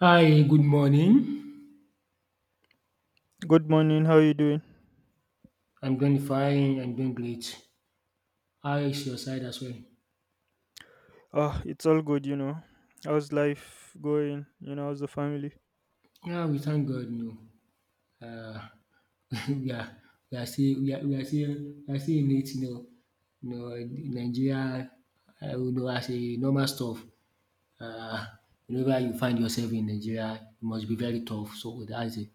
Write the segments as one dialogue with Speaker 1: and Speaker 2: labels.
Speaker 1: Hi, good morning.
Speaker 2: Good morning. How you doing?
Speaker 1: I'm doing fine. I'm doing great. How is your side as well?
Speaker 2: Ah, it's all good, you know. How's life going? You know, how's the family?
Speaker 1: Yeah, we thank God. No, uh, we are we are still we are, we are still we are still in it. No, no, Nigeria. I would know as a normal stuff. Uh, whenever you find yourself in Nigeria, it must be very tough. So that's it.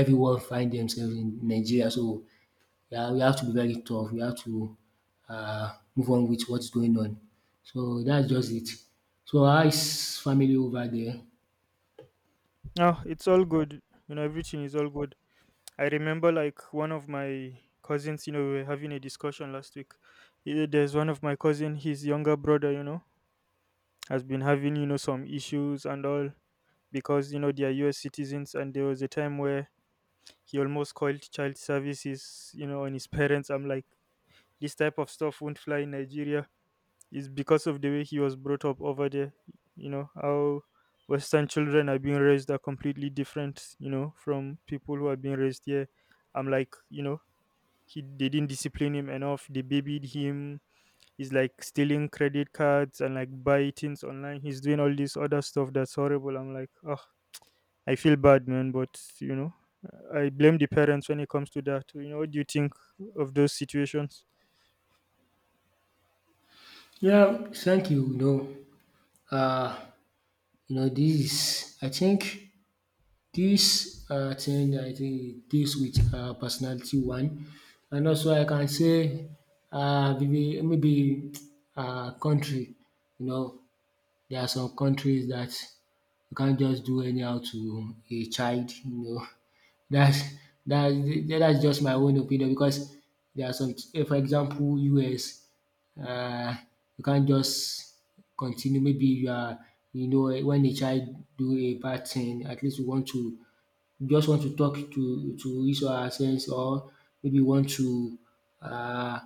Speaker 1: Everyone find themselves in Nigeria. So yeah, we have to be very tough. We have to move on with what's going on. So that's just it. So how is family over there?
Speaker 2: Ah, it's all good. You know, everything is all good. I remember like one of my cousins. You know, we were having a discussion last week. Eh, there's one of my cousin. His younger brother, you know, has been having you know some issues and all because you know they are U.S. citizens. And there was a time where he almost called child services, you know, on his parents. I'm like, this type of stuff won't fly in Nigeria is because of the way he was brought up over there. You know, how Western children are being raised are completely different, you know, from people who are being raised here. I'm like, you know, he they didn't discipline him enough. They babied him. He's like stealing credit cards and like buy things online. He's doing all this other stuff that's horrible. I'm like, oh, I feel bad, man, but you know, I blame the parents when it comes to that. You know, what do you think of those situations?
Speaker 1: Yeah, thank you. Uh, this is, I think, this thing, I think e deals with personality one, and also I can say maybe country, you know. There are some countries that you can't just do anyhow to a child, you know. dats that's that's just my own opinion, because there are some for example US. uh, you can't just continue, maybe you are, when a child do a bad thing, at least you want to, you just want to talk to his or herself, or maybe you want to uh,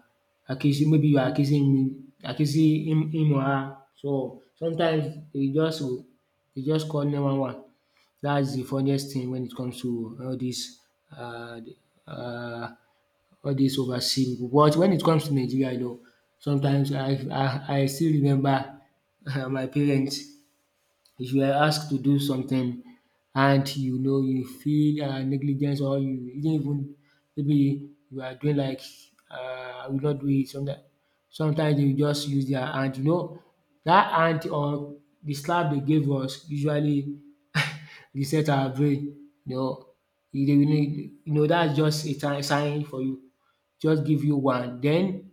Speaker 1: accuse, maybe you are accusing him or her. So sometimes e just go, e just call 911. That's the funniest thing when it comes to all this, uh, uh, all dis overseas pipu. But when it comes to Nigeria, though, sometimes I still remember my parents. If you are asked to do something and you know you feel negligence, or you didn't even, maybe you are doing like, "I will not do it." Sometimes, they will just use their hand. You know, that hand or the slap they gave us usually reset our brain. You know, e dey, that's just a time sign for you. Just give you one, then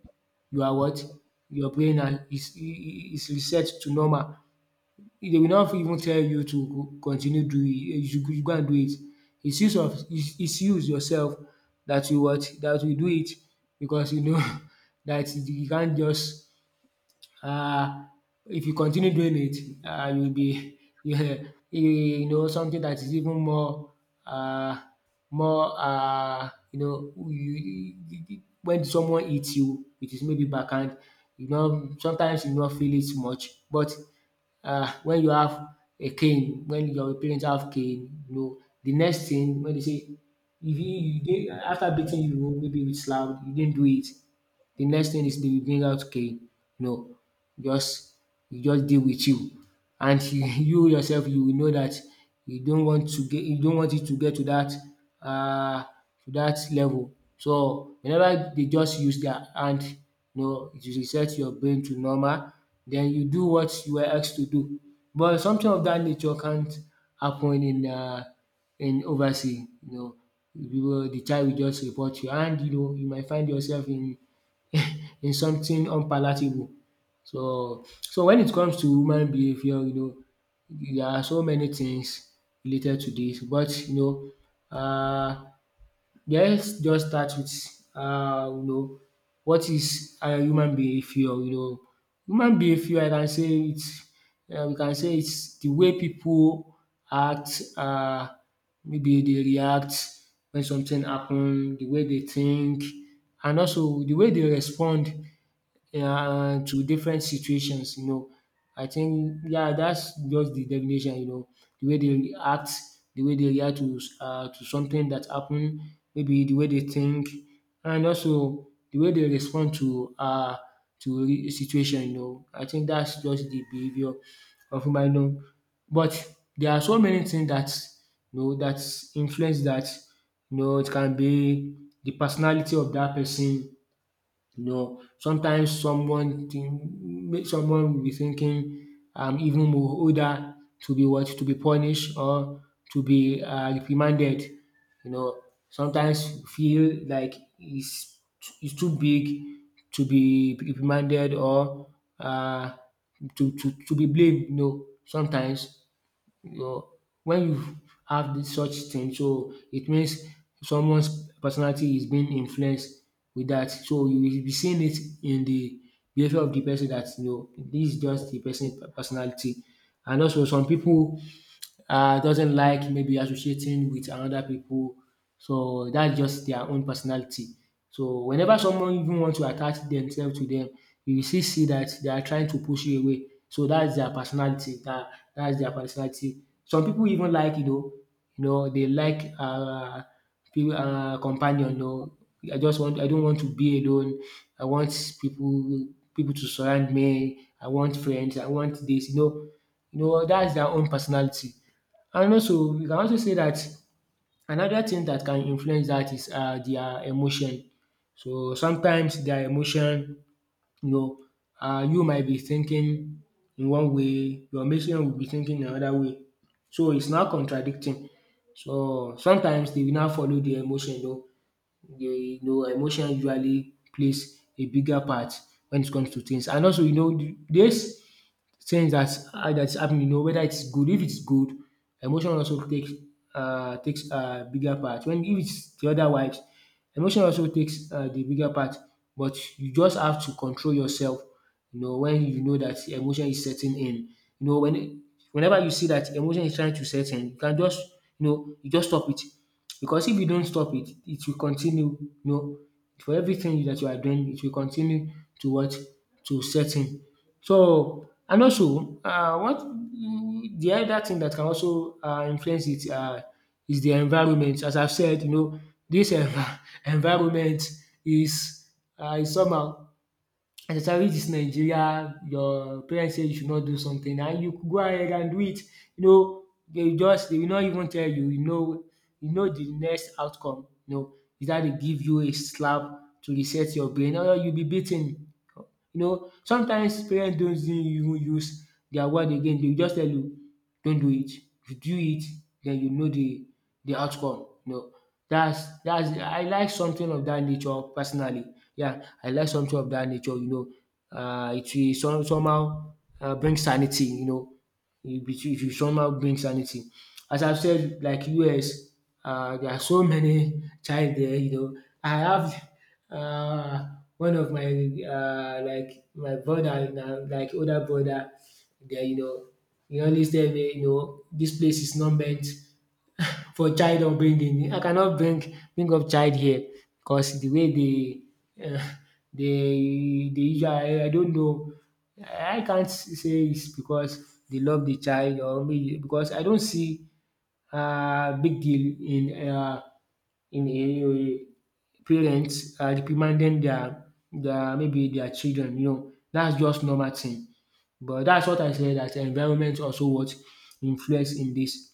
Speaker 1: you are what? Your brain na is reset to normal. They will not even tell you to go continue doing it, You should go and do it. It's use yourself, that will, what, that will do it, because you know that you can't just, um if you continue doing it, you'll be yeah, you know something that is even more um more, when someone hits you with his maybe backhand, you know sometimes you not feel it much, but when you have a cane, when your parents have cane, you know, the next thing when they say, if you dey, after beating you maybe with slap you didn't do it, the next thing is they will bring out okay, know, just e just deal with you, and you yourself you will know that you don't want it to get to uh, to that level. So whenever they just use their hand, you know it will reset your brain to normal, then you do what you were asked to do. But something of that nature can't happen in oversea, you know. The child will just report you, and you know you might find yourself in in something unpalatable. So when it comes to human behaviour, you know there are so many things related to this, but you know yes, just start with um you know what is human behaviour, you know. Human behaviour, I can say it's, we can say it's the way people act, maybe they react when something happen, the way they think, and also the way they respond, to different situations, you know. I think, yeah, that's just the definition, you know. The way they react, the way they react to something that happen, maybe the way they think, and also the way they respond to a situation, you know. I think that's just the behaviour of human, you know. But there are so many things that you know that influence that. You know, it can be the personality of that person, you know. Sometimes someone think, make someone will be thinking I'm even more older to be what, to be punished or to be reprimanded. You know, sometimes feel like it's too big to be reprimanded, or uh, to be blamed. You know, sometimes your when you have dis such thing, so it means someone's personality is being influenced with that. So you will be seeing it in the behavior of the person that you know this is just the person personality. And also, some people doesn't like maybe associating with another people. So that's just their own personality. So whenever someone even want to attach themselves to them, you will still see that they are trying to push you away. So that's their personality. That's their personality. Some people even like, you know, they like people, companion. You know, I don't want to be alone. I want people to surround me. I want friends. I want this. You know, that's their own personality. And also we can also say that another thing that can influence that is their emotion. So sometimes their emotion, you know you might be thinking in one way, your mate will be thinking another way. So it's now contradicting. So sometimes they will now follow their emotion, you know. They you know emotion usually plays a bigger part when it comes to things, and also you know this things that that's happening, you know, whether it's good. If it's good, emotion also takes a bigger part. When if it's the other otherwise, emotion also takes the bigger part. But you just have to control yourself. You know, when you know that emotion is setting in, you know, whenever you see that emotion is trying to set in, you can just, you just stop it. Because if you don't stop it, it will continue. You know, for everything that you are doing, it will continue to what, to set in. So, and also what the other thing that can also influence it is the environment. As I've said, you know, this envi environment is is somehow, especially dis Nigeria. Your parents say you should not do something and you go ahead and do it. You know, they will not even tell you, you know the next outcome. You know, is that they give you a slap to reset your brain, or you will be beaten. You know, sometimes parents don't even use their word again. They just tell you, don't do it. If you do it, then you know the outcome. You know, that's I like something of that nature personally. Yeah, I like something of that nature. You know, it will somehow bring sanity. You know, if you somehow bring sanity. As I've said, like US, there are so many child there. You know, I have uh, one of my like my brother, now, like older brother, there. You know, he always tell me, you know, this place is not meant for child upbringing. I cannot bring up child here, because the way they they usually, I don't know. I can't say it's because they love the child, or maybe because I don't see big deal in parents reprimanding their maybe their children. You know, that's just normal thing. But that's what I said, that environment also what influence in this,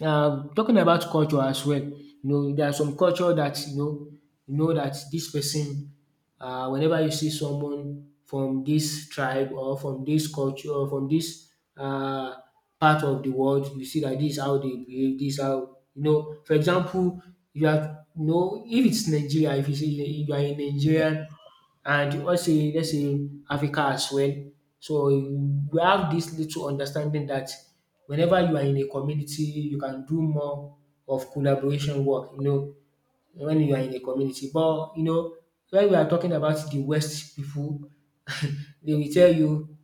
Speaker 1: talking about culture as well. You know, there are some culture that you know, that this person, whenever you see someone from this tribe or from this culture or from this um part of the world, you see dat dis how they behave, dis how, you know. For example, you know if it's Nigeria, if you say you are a Nigerian, and also let's say Africa as well. So you have this little understanding that whenever you are in a community, you can do more of collaboration work, you know, when you are in a community. But you know, when we are talking about the West people, they will tell you,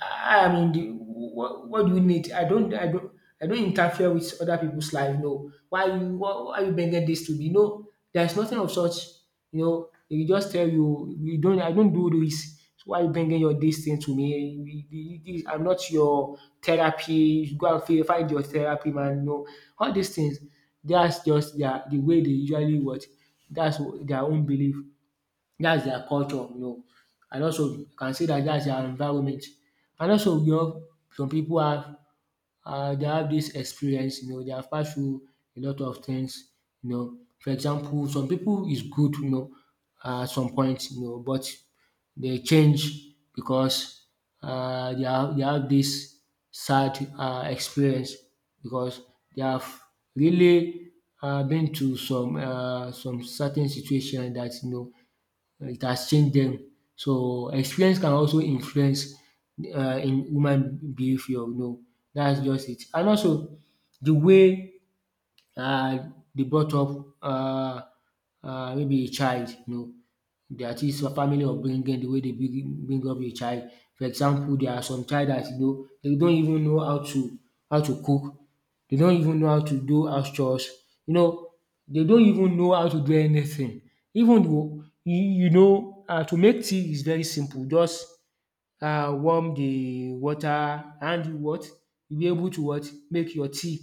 Speaker 1: I mean, what do you need? I don't interfere with other people's life. No, why you bringing this to me? No, there's nothing of such. You know, they will just tell you, you don't, I don't do this. So why you bringing your this thing to me? I'm not your therapy. You go and find your therapy, man. No, all these things. That's just the way they usually what. That's their own belief. That's their culture, you know, and also you can see that that's their environment. And also, you know, some people have they have this experience, you know, they have passed through a lot of things, you know. For example, some people is good, you know, at some point, you know, but they change because they have this sad experience because they have really been to some certain situation like that, you know, it has changed them. So experience can also influence in human behaviour, you know. That's just it. And also the way uh, they brought up maybe a child, you know, that is a family upbringing, the way they bring up a child. For example, there are some child that, you know, they don't even know how to cook. They don't even know how to do house chores, you know, they don't even know how to do anything. Even though you you know to make tea is very simple. Just warm the water and you what you be able to what make your tea,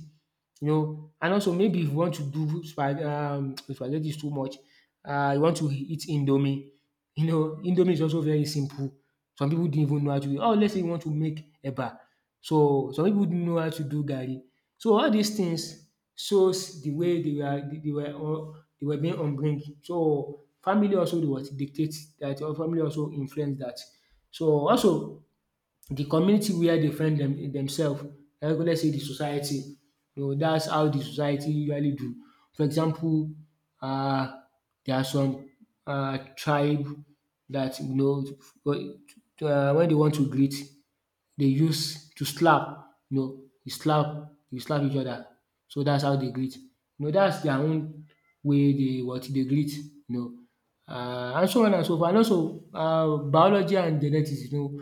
Speaker 1: you know. And also maybe if you want to do spaghetti is too much, you want to eat indomie. You know, indomie is also very simple. Some people didn't even know how to do. Oh, let's say you want to make eba. So some people didn't know how to do garri. So all these things shows the way they were being upbringing. So family also they was dictate that your family also influence that. So also the community where they find them themselves. Like let's say the society, you know, that's how the society usually do. For example, um there are some tribe that, you know, um when they want to greet, dey use to slap. You know, you slap each other. So dats how dey greet. You know dats their own way dey what dey greet, you know. And so on and so forth. And also, biology and genetics, you know,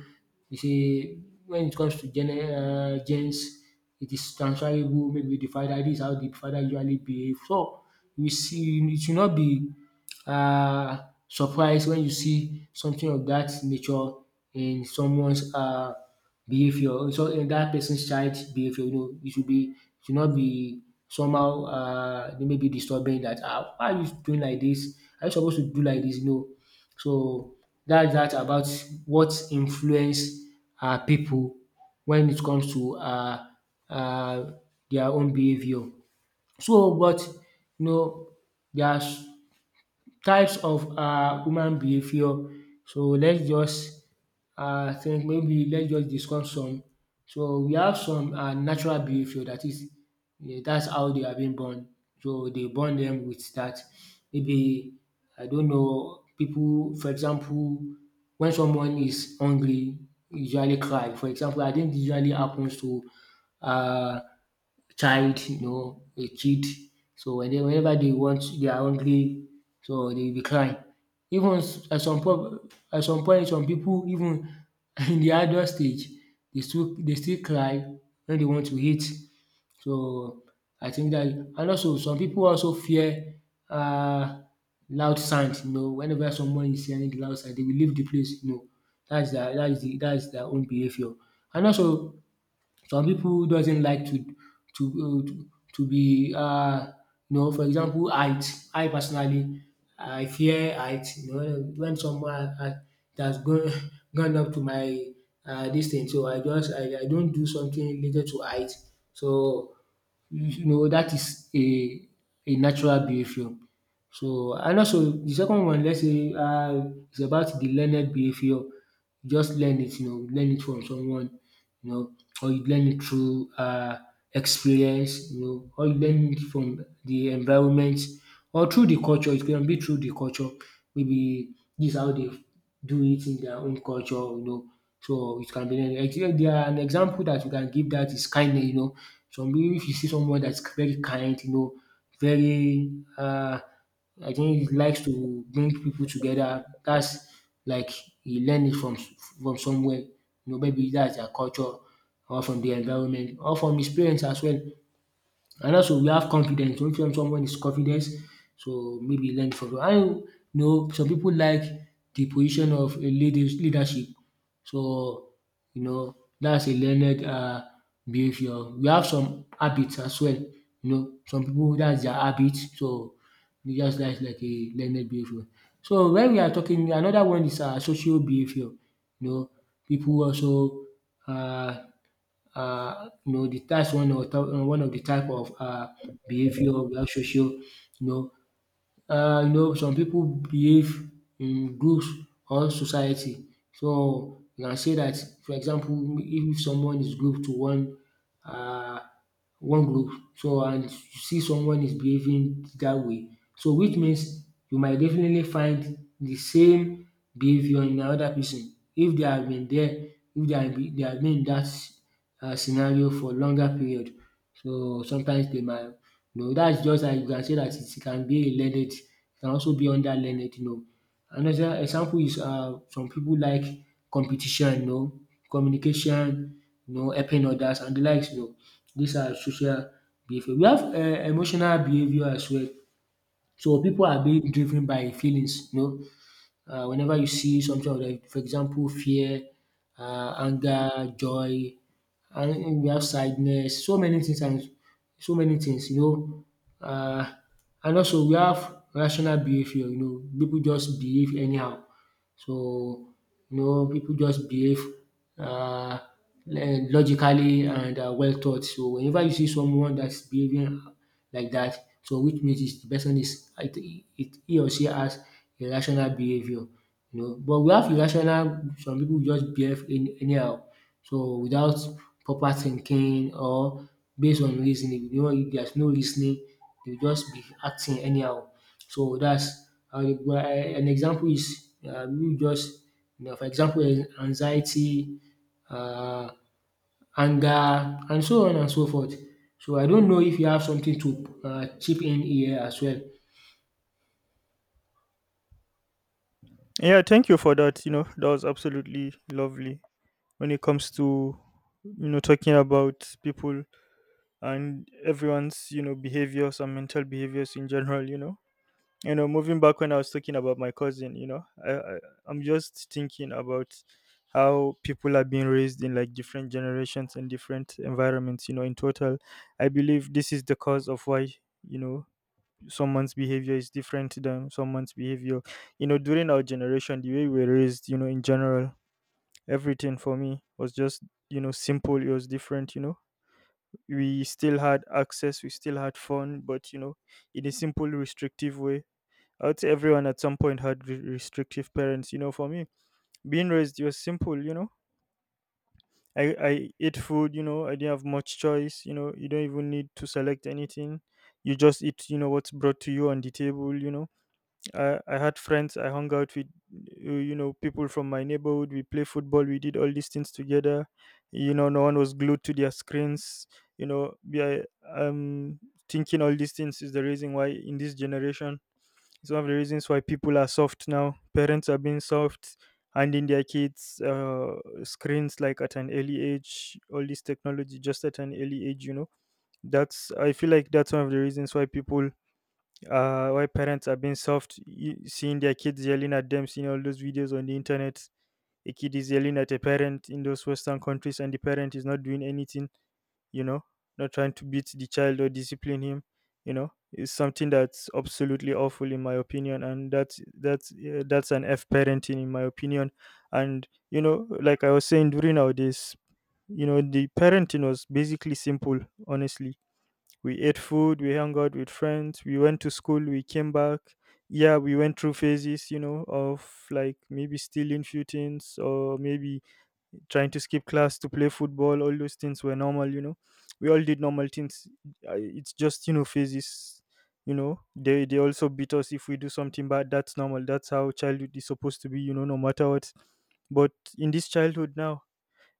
Speaker 1: is a when it comes to genes, it is transferable. Maybe the father, dis is how the father usually behave. So you see it should not be Uh, surprise when you see something of that nature in someone's behavior, so in that person's child behavior. You know, it should not be somehow. They may be disturbing that, ah, why are you doing like this? Are you supposed to do like this? You know. So that's that about what influence people when it comes to uh their own behavior. So but, you know, there's types of human behaviour. So let's just think, maybe let's just discuss some. So we have some natural behaviour, that is dat's how they have been born. So they born them with that. Maybe I don't know people. For example, when someone is hungry, usually cry. For example, and dis usually happens to uh child, you know, a kid. So when they, whenever they want, they are hungry, so they will be crying. At some point, some people even in the adult stage, they still cry when they want to eat. So I think that, and also some people also fear um loud sound. You know, whenever someone is hearing the loud sound, they will leave the place. You know, that's their that is the that is their own behaviour. And also some people doesn't like to um to to be you know, for example, height. I personally, I fear height. You know, when someone it has gone gone up to my dis thing, so I just I don't do something related to height. So you know that is a natural behaviour. So and also the second one, let's say, is about the learned behaviour. You just learn it, you know, learn it from someone, you know, or you learn it through, experience, you know, or you learn it from the environment or through the culture. It can be through the culture. Maybe this is how they do it in their own culture, you know. So it can be learned. Actually, there are an example that you can give, that is kindness, you know. Some people, if you see someone that's very kind, you know, very uh I think he likes to bring people together. That's like he learned it from somewhere. You know, maybe that's their culture or from the environment or from his parents as well. And also we have confidence. When someone is confident, so maybe learn from I you know, some people like the position of a leadership. So you know, that's a learned behaviour. We have some habits as well. You know, some people that's their habit. So you just like a learned behaviour. So when we are talking, another one is social behaviour. You know, people also uh. You know the that's one of the type of behaviour where social, you know, you know, some people behave in groups or society. So you can say that, for example, if someone is group to one uh one group, so and you see someone is behaving that way, so which means you might definitely find the same behaviour in another person if they have been there, if they have been in dat scenario for longer period. So sometimes they might, you know, that's just like you can say that it can be a learned, it can also be under learned, you know. Another example is some people like competition, you know, communication, you know, helping others and the likes, you know. These are social behaviour. We have emotional behaviour as well. So people are being driven by feelings, you know, whenever you see something of them, for example, fear, anger, joy, and we have sadness, so many things you know. Uh, and also we have rational behavior, you know, people just behave anyhow. So, you know, people just behave uh, logically and, well thought. So, whenever you see someone that's behaving like that, so which means is the person is he or she has irrational behavior. You know, but we have irrational. Some people just behave in anyhow, so without proper thinking or based on reasoning. You know, if there's no reasoning, they will just be acting anyhow. So that's an example is, you just, you know, for example, anxiety, um anger and so on and so forth. So I don't know if you have something to chip in here as well.
Speaker 2: Yeah, thank you for that. You know, that was absolutely lovely when it comes to you know talking about people and everyone's you know behaviors and mental behaviors in general. You know, you know moving back when I was talking about my cousin, you know I I'm just thinking about how people are being raised in like different generations and different environments, you know, in total I believe this is the cause of why, you know, someone's behavior is different than someone's behavior. You know, during our generation, the way we were raised, you know, in general, everything for me was just, you know, simple. It was different, you know, we still had access, we still had fun, but you know, in a simple restrictive way, I would say everyone at some point had restrictive parents. You know, for me, being raised, you're simple. You know, I ate food. You know, I didn't have much choice. You know, you don't even need to select anything. You just eat. You know what's brought to you on the table. You know, I had friends. I hung out with, you know, people from my neighborhood. We play football. We did all these things together. You know, no one was glued to their screens. You know, yeah, um, thinking all these things is the reason why in this generation, it's one of the reasons why people are soft now. Parents are being soft, handing their kids screens like at an early age, all this technology just at an early age, you know. That's I feel like that's one of the reasons why people, why parents are being soft, seeing their kids yelling at them, seeing all those videos on the internet. A kid is yelling at a parent in those Western countries and the parent is not doing anything, you know, not trying to beat the child or discipline him, you know, is something that's absolutely awful in my opinion, and that's an f parenting in my opinion, and you know, like I was saying, during our days, you know, the parenting was basically simple, honestly. We ate food, we hung out with friends, we went to school, we came back. Yeah, we went through phases, you know, of like maybe stealing few things or maybe trying to skip class to play football. All those things were normal, you know, we all did normal things. It's just you know phases, you know they also beat us if we do something bad. That's normal, that's how childhood is supposed to be, you know, no matter what. But in this childhood now,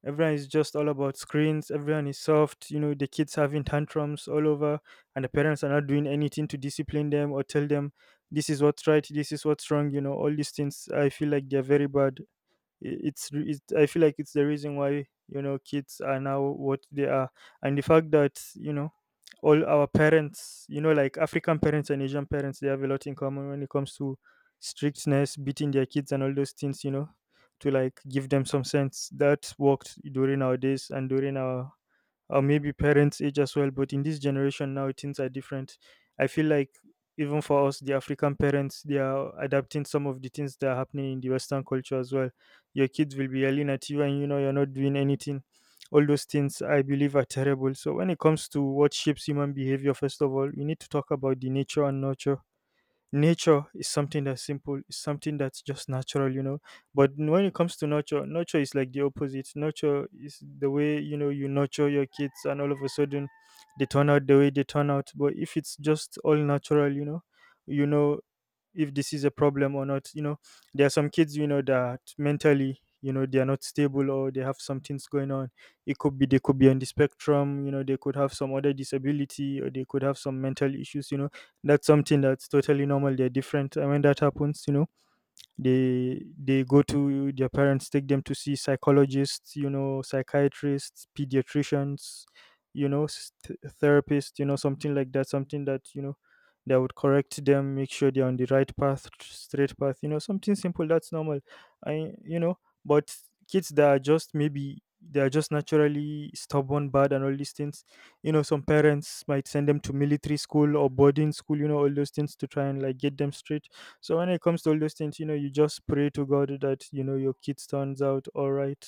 Speaker 2: everyone is just all about screens, everyone is soft, you know, the kids having tantrums all over, and the parents are not doing anything to discipline them or tell them this is what's right, this is what's wrong. You know, all these things, I feel like they're very bad. I feel like it's the reason why, you know, kids are now what they are. And the fact that, you know, all our parents, you know, like African parents and Asian parents, they have a lot in common when it comes to strictness, beating their kids and all those things, you know, to like give them some sense that worked during our days and during our or maybe parents' age as well. But in this generation now, things are different. I feel like even for us, the African parents, they are adapting some of the things that are happening in the Western culture as well. Your kids will be yelling at you, and you know you're not doing anything. All those things I believe are terrible. So when it comes to what shapes human behavior, first of all, we need to talk about the nature and nurture. Nature is something that's simple, it's something that's just natural, you know, but when it comes to nurture, nurture is like the opposite. Nurture is the way, you know, you nurture your kids and all of a sudden they turn out the way they turn out. But if it's just all natural, you know, you know, if this is a problem or not, you know, there are some kids, you know, that mentally, you know, they are not stable or they have some things going on. It could be they could be on the spectrum, you know, they could have some other disability or they could have some mental issues, you know, that's something that's totally normal. They're different. And when that happens, you know, they go to their parents, take them to see psychologists, you know, psychiatrists, pediatricians, you know, therapists, you know, something like that, something that, you know, that would correct them, make sure they're on the right path, straight path, you know, something simple that's normal, I you know. But kids that are just maybe they are just naturally stubborn, bad and all these things, you know, some parents might send them to military school or boarding school, you know, all those things to try and like get them straight. So when it comes to all those things, you know, you just pray to God that you know your kid turns out all right,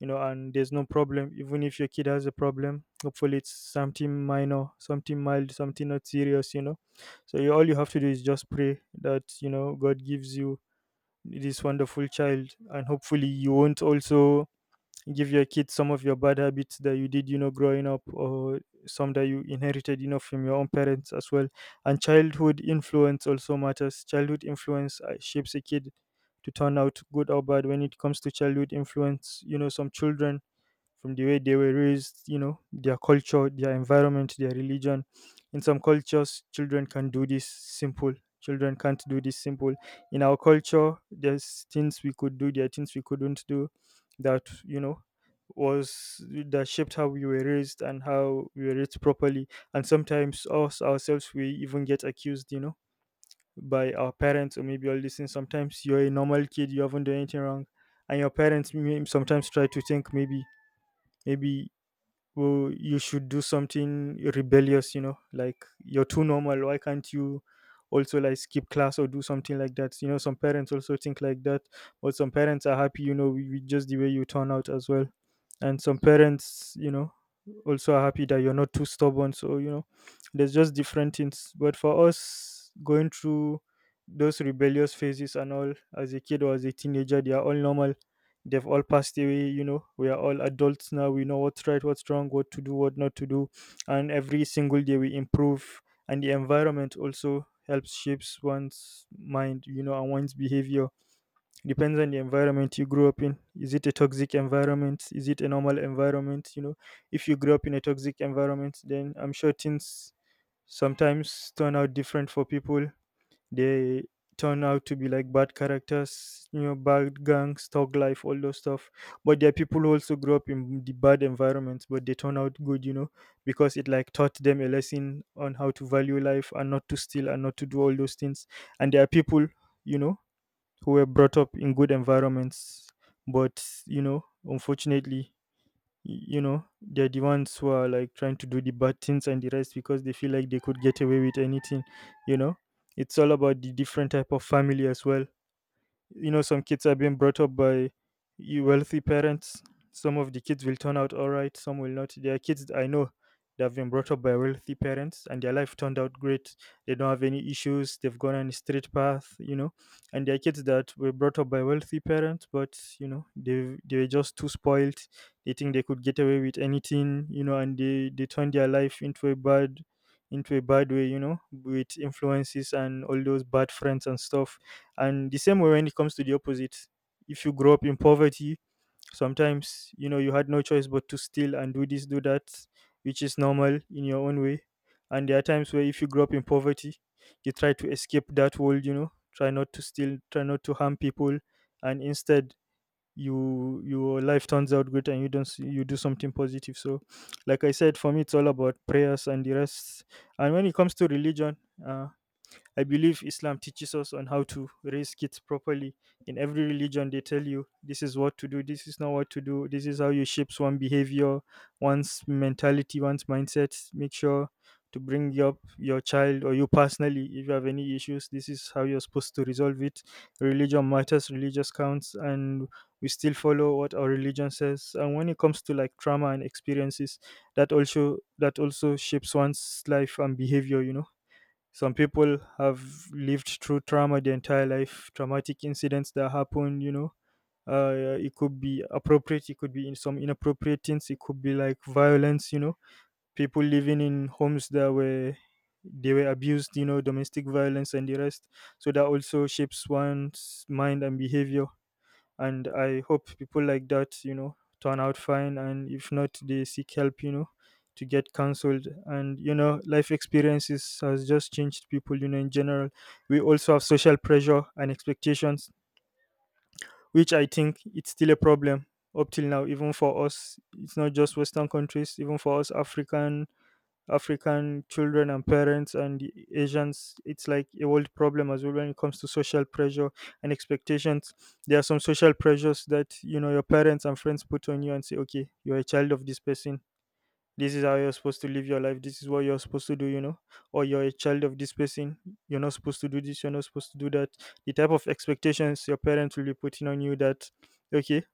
Speaker 2: you know, and there's no problem. Even if your kid has a problem, hopefully it's something minor, something mild, something not serious, you know. So you, all you have to do is just pray that you know God gives you this wonderful child, and hopefully you won't also give your kids some of your bad habits that you did you know growing up, or some that you inherited, you know, from your own parents as well. And childhood influence also matters. Childhood influence, shapes a kid to turn out good or bad. When it comes to childhood influence, you know, some children, from the way they were raised, you know, their culture, their environment, their religion. In some cultures, children can do this simple. Children can't do this simple. In our culture, there's things we could do, there are things we couldn't do that, you know, was that shaped how we were raised and how we were raised properly. And sometimes us ourselves we even get accused, you know, by our parents or maybe all this thing. Sometimes you're a normal kid, you haven't done anything wrong. And your parents may sometimes try to think maybe, maybe, well, you should do something rebellious, you know, like you're too normal. Why can't you also like skip class or do something like that? You know, some parents also think like that, but some parents are happy, you know, with just the way you turn out as well. And some parents, you know, also are happy that you're not too stubborn. So, you know, there's just different things. But for us, going through those rebellious phases and all as a kid or as a teenager, they are all normal. They've all passed away, you know, we are all adults now, we know what's right, what's wrong, what to do, what not to do, and every single day we improve. And the environment also helps shapes one's mind, you know, and one's behavior depends on the environment you grew up in. Is it a toxic environment, is it a normal environment, you know? If you grew up in a toxic environment, then I'm sure things sometimes turn out different for people. They turn out to be like bad characters, you know, bad gangs, thug life, all those stuff. But there are people who also grew up in the bad environments, but they turn out good, because it like taught them a lesson on how to value life and not to steal and not to do all those things. And there are people, you know, who were brought up in good environments, but unfortunately, they're the ones who are like trying to do the bad things and the rest because they feel like they could get away with anything you know it's all about the different type of family as well. Some kids are being brought up by wealthy parents. Some of the kids will turn out all right, some will not. There are kids I know that have been brought up by wealthy parents and their life turned out great. They don't have any issues. They've gone on a straight path. And there are kids that were brought up by wealthy parents, but they were just too spoiled. They think they could get away with anything, and they turn their life into a bad way, with influences and all those bad friends and stuff. And the same way when it comes to the opposite, if you grow up in poverty, sometimes you had no choice but to steal and do this, do that, which is normal in your own way. And there are times where if you grow up in poverty, you try to escape that world, try not to steal, try not to harm people, and instead your life turns out good and you don't you do something positive. So like I said, for me it's all about prayers and the rest. And when it comes to religion, uh I believe Islam teaches us on how to raise kids properly. In every religion, they tell you this is what to do, this is not what to do, this is how you shapes one behavior, one's mentality, one's mindset. Make sure to bring up your child, or you personally if you have any issues. This is how you're supposed to resolve it. Religion matters, religious counts, and we still follow what our religion says. And when it comes to like trauma and experiences, that also shapes one's life and behavior. Some people have lived through trauma their entire life, traumatic incidents that happen. It could be appropriate, it could be in some inappropriate things, it could be like violence, people living in homes that were they were abused, domestic violence and the rest. So that also shapes one's mind and behavior, and I hope people like that turn out fine, and if not they seek help, to get counseled. And life experiences has just changed people in general. We also have social pressure and expectations, which I think it's still a problem up till now. Even for us, it's not just western countries, even for us African children and parents and the Asians, it's like a world problem as well when it comes to social pressure and expectations. There are some social pressures that your parents and friends put on you and say, okay, you're a child of this person. This is how you're supposed to live your life. This is what you're supposed to do, or you're a child of this person. You're not supposed to do this. You're not supposed to do that. The type of expectations your parents will be putting on you, that, okay,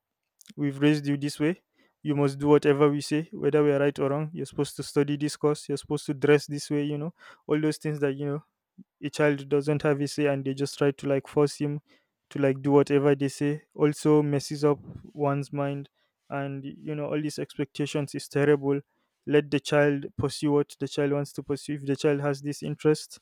Speaker 2: we've raised you this way. You must do whatever we say, whether we are right or wrong. You're supposed to study this course. You're supposed to dress this way, all those things that, a child doesn't have a say and they just try to like force him to like do whatever they say. Also messes up one's mind. And all these expectations is terrible. Let the child pursue what the child wants to pursue. If the child has this interest,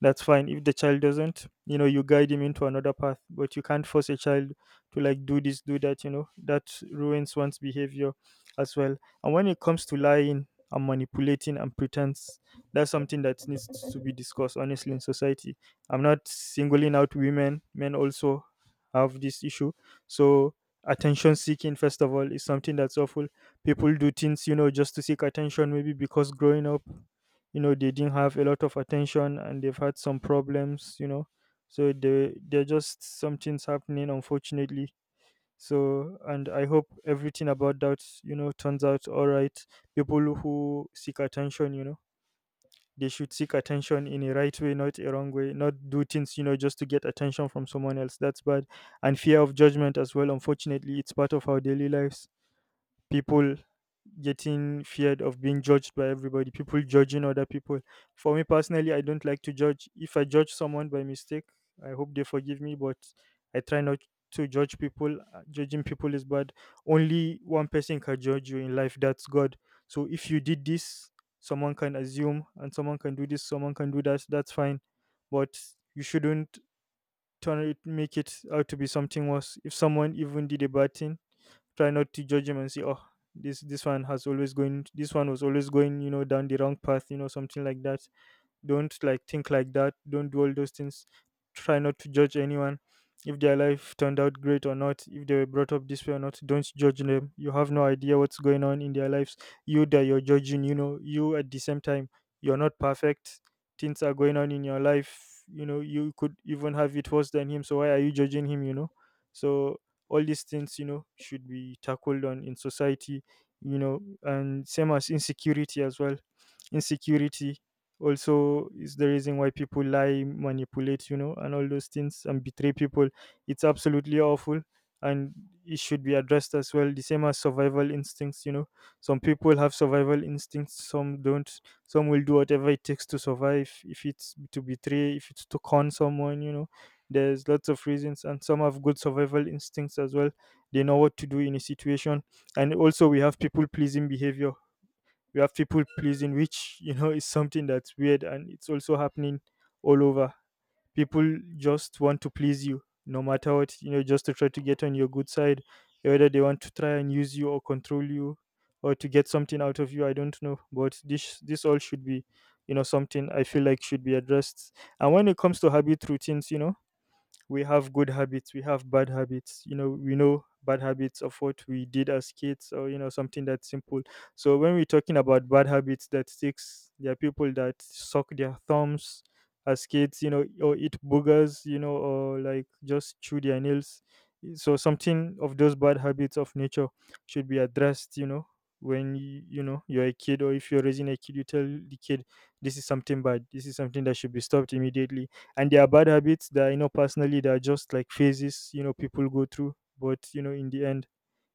Speaker 2: that's fine. If the child doesn't, you guide him into another path, but you can't force a child to like do this, do that, that ruins one's behavior as well. And when it comes to lying and manipulating and pretense, that's something that needs to be discussed honestly in society. I'm not singling out women, men also have this issue. So attention seeking, first of all, is something that's awful. People do things just to seek attention, maybe because growing up they didn't have a lot of attention, and they've had some problems. So they're just some things happening, unfortunately. So and I hope everything about that turns out all right. People who seek attention, they should seek attention in a right way, not a wrong way, not do things just to get attention from someone else. That's bad. And fear of judgment as well, unfortunately it's part of our daily lives. People getting feared of being judged by everybody, people judging other people. For me personally, I don't like to judge. If I judge someone by mistake, I hope they forgive me, but I try not to judge people. Judging people is bad. Only one person can judge you in life, that's God. So if you did this, someone can assume, and someone can do this, someone can do that, that's fine. But you shouldn't turn it, make it out to be something worse. If someone even did a bad thing, try not to judge him and say, oh, this one was always going, down the wrong path, something like that. Don't like think like that, don't do all those things. Try not to judge anyone. If their life turned out great or not, if they were brought up this way or not, don't judge them. You have no idea what's going on in their lives, you that you're judging, you at the same time, you're not perfect. Things are going on in your life, you could even have it worse than him, so why are you judging him? So all these things should be tackled on in society, and same as insecurity as well. Insecurity also is the reason why people lie, manipulate, and all those things and betray people. It's absolutely awful, and it should be addressed as well, the same as survival instincts. Some people have survival instincts, some don't. Some will do whatever it takes to survive, if it's to betray, if it's to con someone, there's lots of reasons, and some have good survival instincts as well. They know what to do in a situation. And also we have people pleasing behavior. We have people pleasing which is something that's weird, and it's also happening all over. People just want to please you no matter what just to try to get on your good side, whether they want to try and use you or control you, or to get something out of you, I don't know, but this all should be, something I feel like should be addressed. And when it comes to habit routines, we have good habits, we have bad habits. We know bad habits of what we did as kids, or something that's simple. So when we're talking about bad habits that sticks, there are people that suck their thumbs as kids, or eat boogers, or like just chew their nails. So something of those bad habits of nature should be addressed. When you're a kid, or if you're raising a kid, you tell the kid this is something bad, this is something that should be stopped immediately. And there are bad habits that you know personally that are just like phases, people go through, but in the end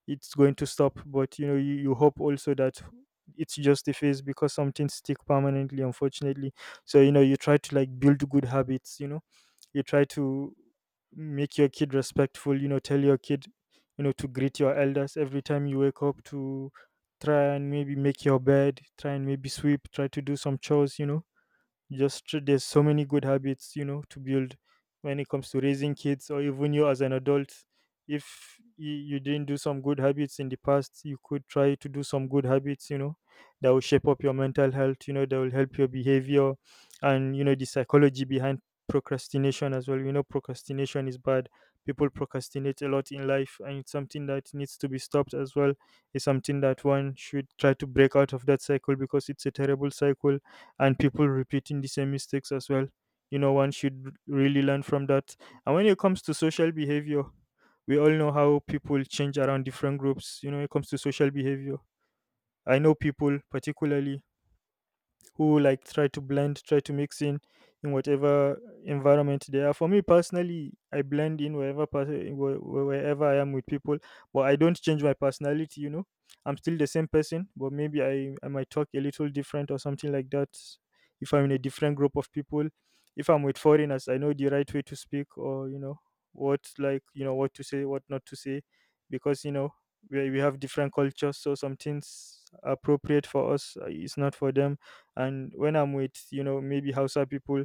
Speaker 2: it's going to stop. But you hope also that it's just a phase, because some things stick permanently, unfortunately. So you try to like build good habits. You try to make your kid respectful, tell your kid, to greet your elders every time you wake up, to try and maybe make your bed, try and maybe sweep, try to do some chores. There's so many good habits, to build when it comes to raising kids or even you as an adult. If you didn't do some good habits in the past, you could try to do some good habits, you know, that will shape up your mental health, you know, that will help your behavior and, you know, the psychology behind procrastination as well. You know, procrastination is bad. People procrastinate a lot in life, and it's something that needs to be stopped as well. It's something that one should try to break out of that cycle because it's a terrible cycle and people repeating the same mistakes as well. You know, one should really learn from that. And when it comes to social behavior, we all know how people change around different groups. You know, when it comes to social behavior, I know people particularly who like try to blend, try to mix in whatever environment they are. For me personally, I blend in wherever wherever I am with people, but I don't change my personality. You know, I'm still the same person, but maybe I might talk a little different or something like that. If I'm in a different group of people, if I'm with foreigners, I know the right way to speak, or you know what, like you know what to say, what not to say, because you know we have different cultures, so some things appropriate for us is not for them. And when I'm with, you know, maybe Hausa people,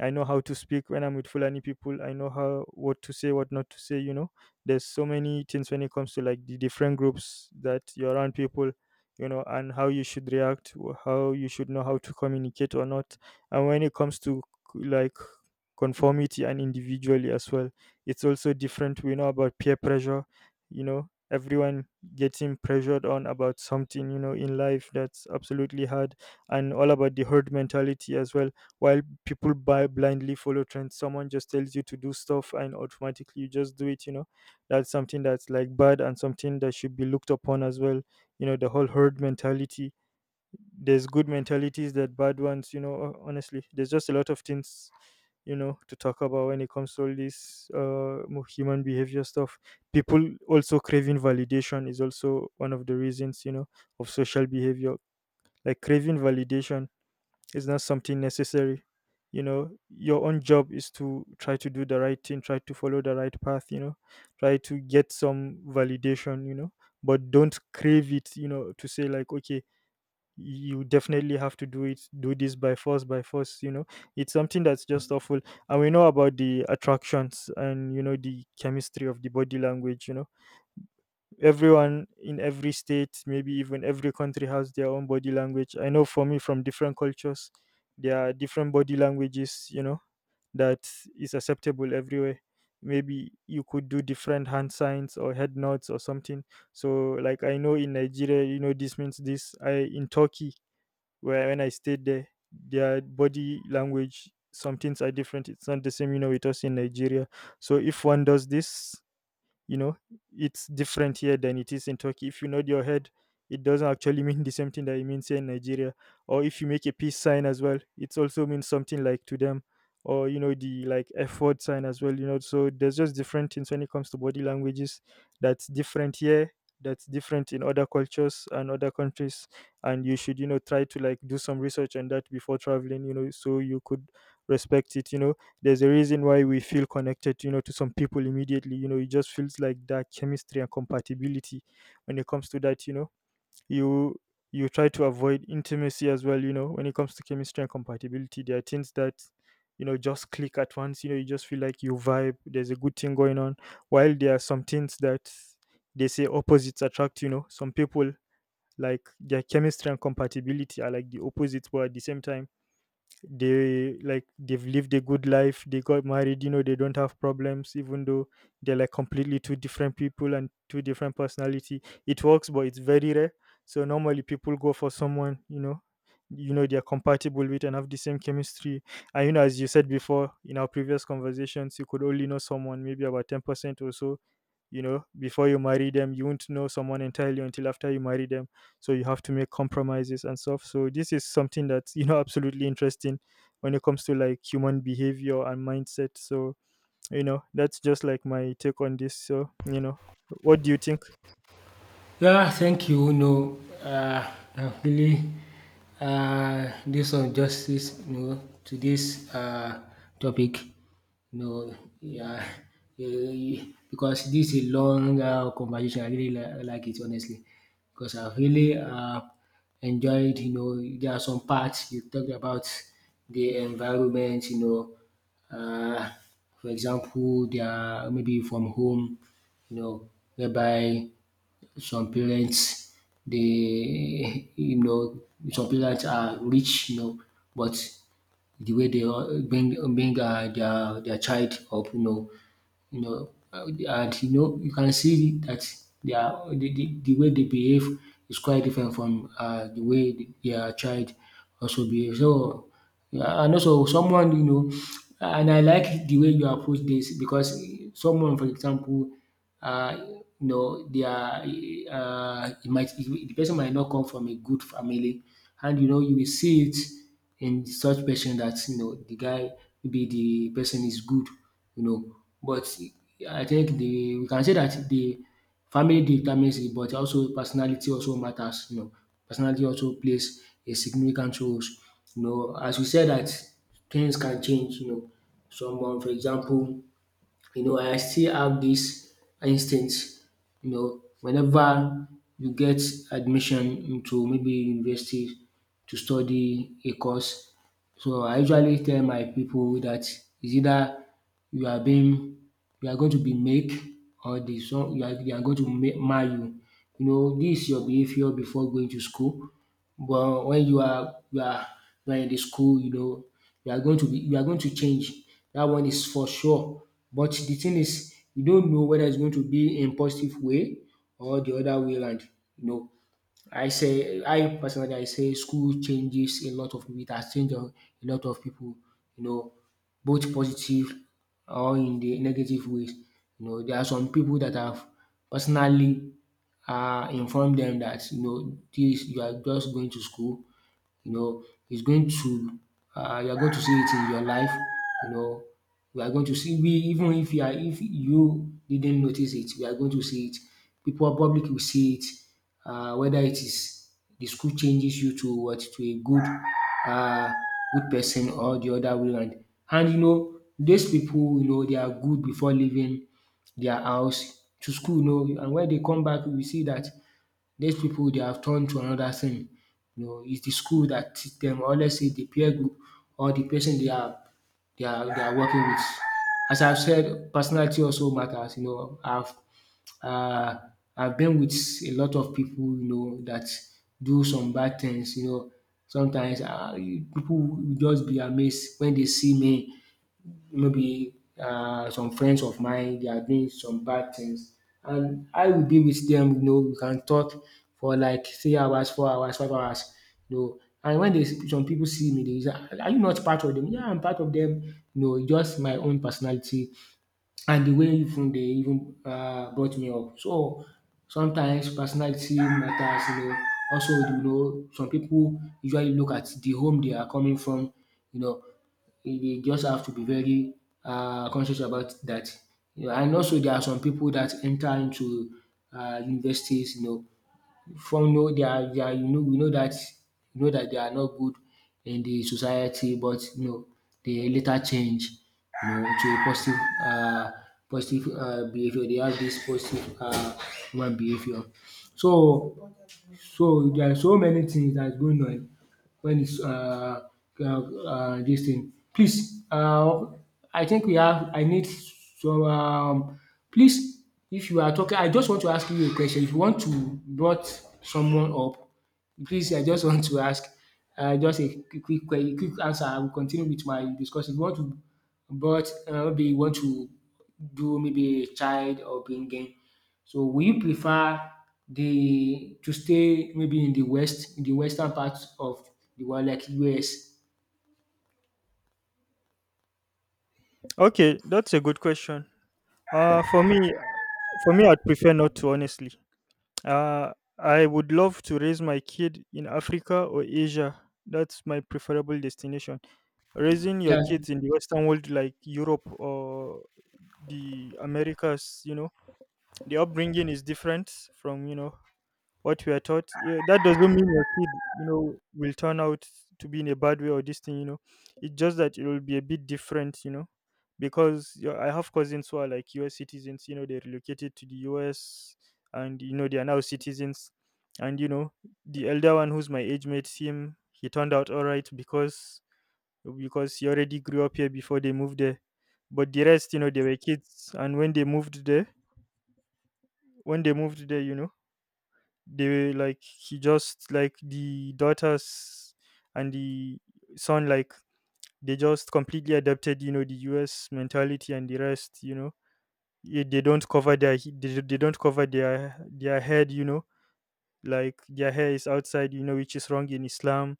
Speaker 2: I know how to speak. When I'm with Fulani people, I know how what to say, what not to say. You know, there's so many things when it comes to like the different groups that you're around people. You know, and how you should react, how you should know how to communicate or not. And when it comes to like conformity and individually as well, it's also different. We know about peer pressure. You know, everyone getting pressured on about something. You know, in life that's absolutely hard, and all about the herd mentality as well, while people buy blindly follow trends, someone just tells you to do stuff and automatically you just do it, you know. That's something that's like bad and something that should be looked upon as well, you know, the whole herd mentality. There's good mentalities, that bad ones, you know, honestly there's just a lot of things, you know, to talk about when it comes to all this human behavior stuff. People also craving validation is also one of the reasons, you know, of social behavior. Like craving validation, it's not something necessary. You know, your own job is to try to do the right thing, try to follow the right path, you know, try to get some validation, you know, but don't crave it, you know, to say like, okay, you definitely have to do it, do this by force, you know. It's something that's just awful. And we know about the attractions and, you know, the chemistry of the body language. You know, everyone in every state, maybe even every country has their own body language. I know for me from different cultures, there are different body languages, you know, that is acceptable everywhere. Maybe you could do different hand signs or head nods or something. So like I know in Nigeria, you know, this means this. I in Turkey, where when I stayed there, their body language, some things are different. It's not the same, you know, with us in Nigeria. So if one does this, you know, it's different here than it is in Turkey. If you nod your head, it doesn't actually mean the same thing that it means here in Nigeria, or if you make a peace sign as well, it also means something like to them, or you know, the like f word sign as well, you know. So there's just different things when it comes to body languages that's different here, that's different in other cultures and other countries. And you should, you know, try to like do some research on that before traveling, you know, so you could respect it, you know. There's a reason why we feel connected, you know, to some people immediately, you know. It just feels like that chemistry and compatibility. When it comes to that, you know, you you try to avoid intimacy as well, you know. When it comes to chemistry and compatibility, there are things that, you know, just click at once, you know, you just feel like you vibe, there's a good thing going on. While there are some things that, they say opposites attract, you know, some people like their chemistry and compatibility are like the opposites, but at the same time, they like they've lived a good life, they got married, you know, they don't have problems even though they're like completely two different people and two different personality. It works, but it's very rare. So normally people go for someone, you know, you know, they're compatible with and have the same chemistry. And you know, as you said before in our previous conversations, you could only know someone maybe about 10% or so, you know, before you marry them. You won't know someone entirely until after you marry them, so you have to make compromises and stuff. So this is something that's, you know, absolutely interesting when it comes to like human behavior and mindset. So, you know, that's just like my take on this. So, you know, what do you think?
Speaker 1: Yeah, thank you. No, really, this on justice, you know, to this, topic, you know, yeah, eh, because this is a long, conversation. I really like it, honestly, because I really enjoyed. You know, there are some parts you talked about the environment, you know, uh, for example, they are maybe from home, you know, whereby some parents, they you know, some parents are rich, you know, but the way they all bring bring their child up, you know, and you know you can see that they are the, the way they behave is quite different from, the way their child also behaves. So yeah, and also someone, you know, and I like the way you approach this because someone, for example, uh, you know, they are it might the person might not come from a good family, and you know you will see it in such person that, you know, the guy, maybe the person is good, you know. But I think the we can say that the family determines it, but also personality also matters. You know, personality also plays a significant role. You know, as we said that things can change. You know, someone, for example, you know, I still have this instinct, you know, whenever you get admission into maybe university to study a course. So I usually tell my people that it's either you are being you are going to be make or the some you are, they are going to make marry you. You know, this is your behavior before going to school. But when you are you are in the school, you know, you are going to change. That one is for sure. But the thing is, you don't know whether it's going to be in positive way or the other way around. You know, I personally, I say school changes a lot of people. It has changed a lot of people, you know, both positive or in the negative ways. You know, there are some people that have personally informed them that, you know, this, you are just going to school, you know, it's going to, you are going to see it in your life, you know, we are going to see, we even if you are, if you didn't notice it, we are going to see it. People, public will see it, whether it is the school changes you to what, to a good, um good person or the other way round. And you know these people, you know they are good before leaving their house to school, you know, and when they come back we see that. These people, they have turned to another thing. You know, it's the school that teach them, or let's say the peer group or the person they are, they are working with. As I've said, personality also matters. You know, uh I've been with a lot of people, you know, that do some bad things. You know, sometimes people will just be amazed when they see me, maybe some friends of mine they are doing some bad things and I will be with them. You know, we can talk for like 3 hours, 4 hours, 5 hours, you know, and when dey some people see me, they say, "Ah, are you not part of them?" Yeah. "Yeah, I'm part of them." You know, just my own personality and the way even they even brought me up. So sometimes personality matters, you know. Also, you know, some people usually look at the home they are coming from, you know, you just have to be very conscious about that. You know. And also there are some people that enter into universities, you know, from know they are, you know, we know that, they are not good in the society, but you know they later change, you know, to a positive, uh positive behaviour. They have this positive human behaviour. So, there are so many things that's going on when it's this thing. Please I think we have, I need some, please, if you are talking, I just want to ask you a question. If you want to brought someone up, please, I just want to ask. Just a quick answer. I will continue with my discussion. If you want to brought, maybe you want to do, maybe a child, or bringing, so will you prefer the to stay, maybe in the west, in the western part of the world like US?
Speaker 2: Okay, that's a good question. For me, for me, I'd prefer not to, honestly. Uh, I would love to raise my kid in Africa or Asia. That's my preferable destination. Raising your
Speaker 1: Yeah.
Speaker 2: kids in the Western world, like Europe or the Americas, you know, the upbringing is different from you know what we are taught. Yeah, that doesn't mean your kid, you know, will turn out to be in a bad way or this thing, you know. It's just that it will be a bit different, you know, because you know, I have cousins who are like US citizens, you know, they relocated to the US and you know they are now citizens. And you know, the elder one who's my age mate, him, he turned out all right because he already grew up here before they moved there. But the rest, you know, they were kids, and when they moved there, you know, they like he just like the daughters and the son, like they just completely adapted, you know, the US mentality and the rest, you know. Eh, they don't cover their they don't cover their head, you know, like their hair is outside, you know, which is wrong in Islam.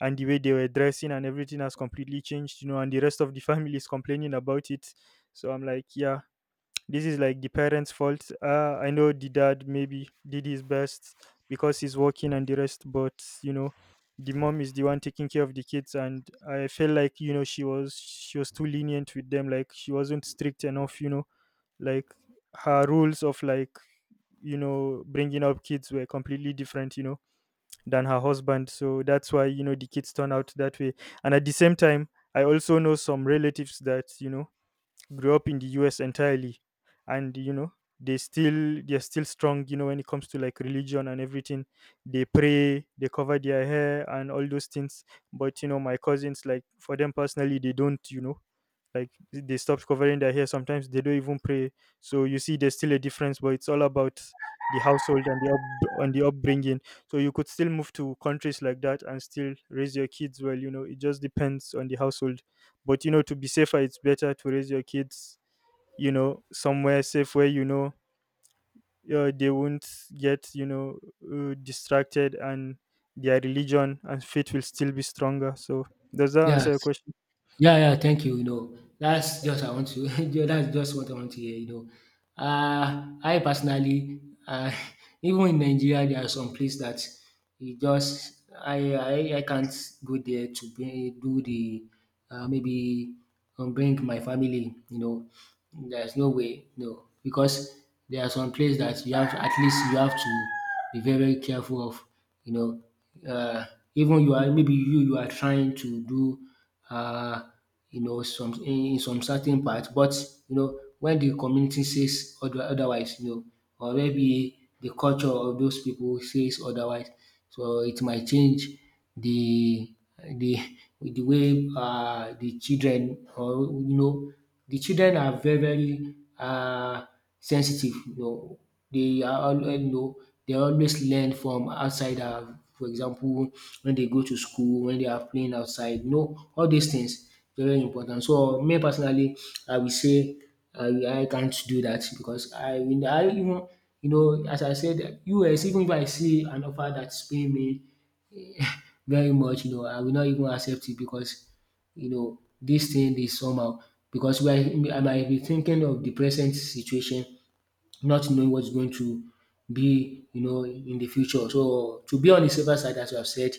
Speaker 2: And the way they were dressing and everything has completely changed, you know, and the rest of the family is complaining about it. So I'm like yeah, this is like the parents' fault. I know the dad maybe did his best because he's working and the rest, but you know, the mom is the one taking care of the kids, and I feel like you know she was too lenient with them. Like she wasn't strict enough. You know, like her rules of like you know bringing up kids were completely different, you know, than her husband, so that's why, you know, the kids turn out that way. And at the same time, I also know some relatives that, you know, grew up in the US entirely, and you know they're still strong, you know, when it comes to like religion and everything. They pray, they cover their hair, and all those things. But you know, my cousins, like for them personally, they don't, you know, like they stop covering their hair, sometimes they don't even pray. So you see there's still a difference, but it's all about the household and the upbringing. So you could still move to countries like that and still raise your kids well, you know, it just depends on the household. But you know, to be safer, it's better to raise your kids, you know, somewhere safe where you know they won't get you know distracted, and their religion and faith will still be stronger. So does that answer
Speaker 1: Yes.
Speaker 2: your question?
Speaker 1: Yeah, yeah, thank you. You know, that's just I want to yeah, that's just what I want to hear, you know. I personally, uh even in Nigeria there are some places that it just, I can't go there to be, do the, maybe, bring my family, you know. There's no way, no, because there are some places that you have to, at least you have to be very, very careful of, you know. Uh even you are, maybe you are trying to do, uh, you know, some, in some certain part, but you know when the community says other, otherwise, you know, or maybe the culture of those people says otherwise, so it might change the the the way the children or, you know, the children are very very sensitive, you know. They are al You know, they always learn from outsider. For example, when they go to school, when they are playing outside, you know, all these things very important. So me personally, I will say I can't do that because I will I even, you know, as I said, US, even if I see an offer that's paying me very much, you know, I will not even accept it, because you know, this thing is somehow, because we are, I might be thinking of the present situation, not knowing what is going to be, you know, in the future. So to be on the safer side, as you have said,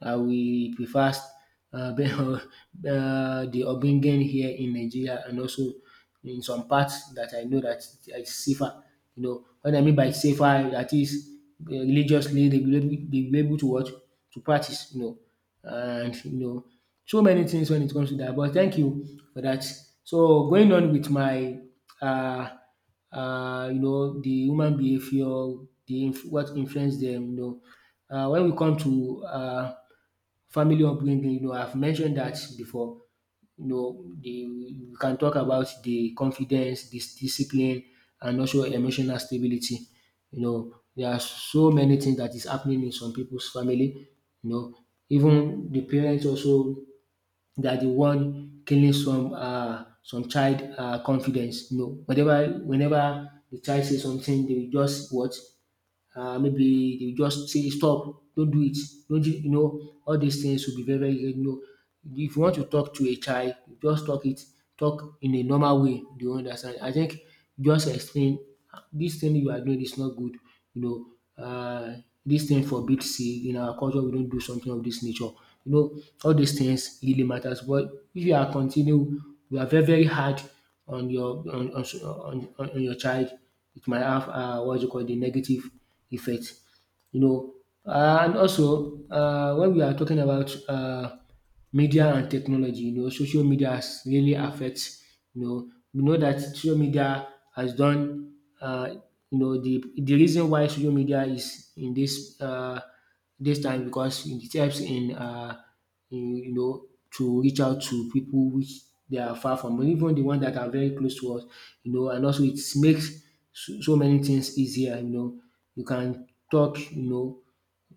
Speaker 1: I we prefer, be- the ogbonge here in Nigeria, and also in some parts that I know dat is safer. You know what I mean by safer? That is religiously dey be they will be able to watch, to practice, you know. And you know, so many things when it comes to that. But thank you for that. So going on with my uh you know, the human behaviour, what influence them, you know. When we come to family upbringing, you know, I've mentioned that before. You know, we can talk about the confidence, this discipline, and also emotional stability. You know, there are so many things that is happening in some people's family. You know, even the parents also, they are the one killing some child confidence. You know, whenever the child says something, they will just what, maybe they just say stop, don't do it, don't you, you know, all these things will be very, very, you know. If you want to talk to a child, just talk in a normal way, they will understand. I think just explain, this thing you are doing is not good, you know, this thing forbids. See, in our culture we don't do something of this nature. You know, all these things really matters. But if you are continue, you are very very hard on your, on your child, it might have what you call the negative effect, you know. And also, when we are talking about, media and technology, you know, social media has really affect, you know. We know that social media has done, um you know, the reason why social media is in this, this time, because it helps in you know, to reach out to people which they are far from, even the ones that are very close to us, you know. And also it makes so so many things easier, you know. You can talk, you know,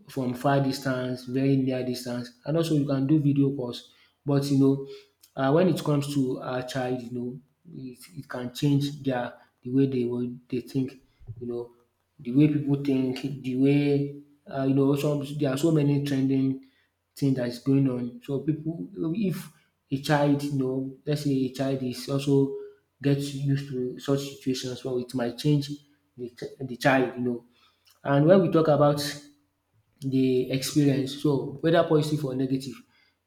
Speaker 1: from far distance, very near distance, and also you can do video calls. But you know, when it comes to our child, you know, it can change their, they think, you know, the way people think, the way, you know, some, there are so many trending things that is going on. So people, if a child, you know, let's say a child is also gets used to such situations, well, it might change the child, you know. And when we talk about the experience, so whether positive or negative,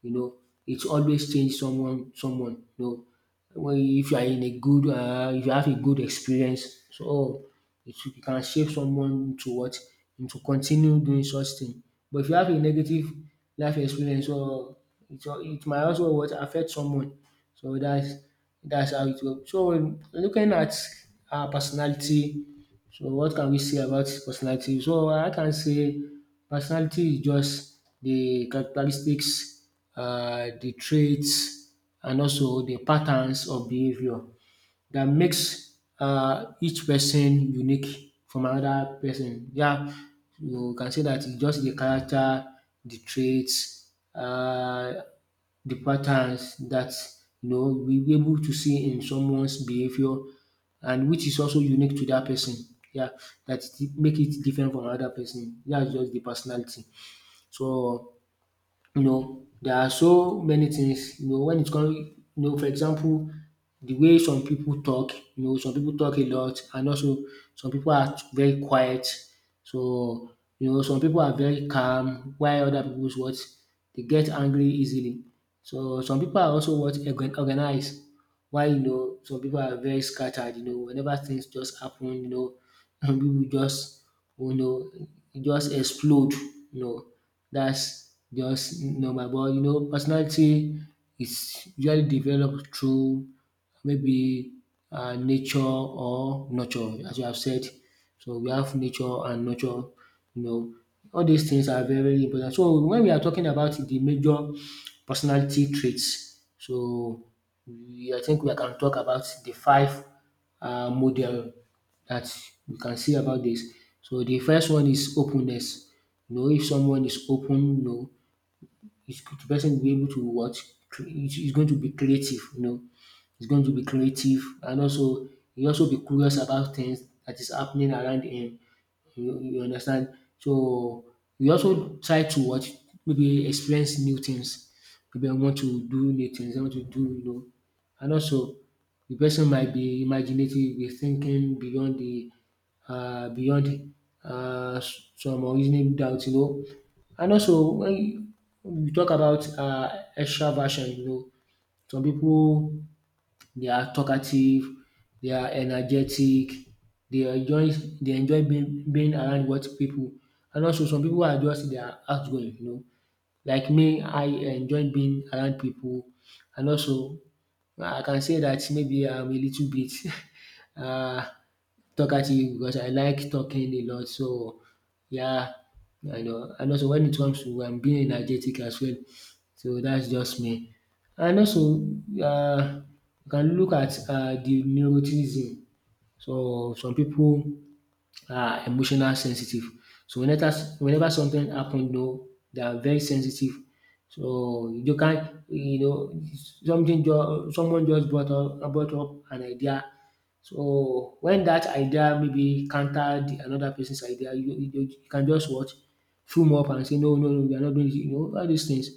Speaker 1: you know, it always change someone. You know, when if you are in a good, if you have a good experience, so it can shape someone to what? Into continue doing such thing. But if you have a negative life experience, so it might also what? Affect someone. So that's, how it go. So looking at our personality, so what can we say about personality? So I can say, personality is just the characteristics, the traits, and also the patterns of behavior that makes each person unique from another person. Yeah, you can say that it's just the character, the traits, the patterns that you know we'll able to see in someone's behavior, and which is also unique to that person. Yeah, that it make it different from other person. That's just the personality. So you know, there are so many things, you know, when it comes, you know. For example, the way some people talk, you know, some people talk a lot, and also some people are very quiet. So, you know, some people are very calm, while other people's what, they get angry easily. So some people are also what, organized, while you know some people are very scattered, you know, whenever things just happen, you know, people just, you know, just explode, you know. That's just normal. But you know, personality is usually developed through, maybe, nature or nurture, as you have said. So we have nature and nurture, you know, all these things are very important. So when we are talking about the major personality traits, so I think we can talk about the five model that we can see about this. So the first one is openness. You know, if someone is open, you know, the person will be able to what, is going to be creative. You know, he's going to be creative, and also he also be curious about things that is happening around him. You understand? So we also try to watch, maybe experience new things. Maybe I want to do new things, I want to do. And also the person might be imaginative, be thinking beyond the beyond some unreasonable doubts. And also when you talk about extraversion, you know, some people they are talkative, they are energetic, they enjoy they enjoy being around what people, and also some people are just they are outgoing, you know. Like me, I enjoy being around people, and also I can say that maybe I'm a little bit uh talkative because I like talking a lot. So yeah, I know. And also when it comes to being energetic as well, so that's just me. And also um you can look at the neuroticism. So some people are emotional sensitive. So whenever something happen, you know, they are very sensitive. So you can't, you know, something just someone just brought up an idea. So when that idea maybe counter the another person's idea, you can just what fume up and say no, no, no, we are not doing this. You know, all these things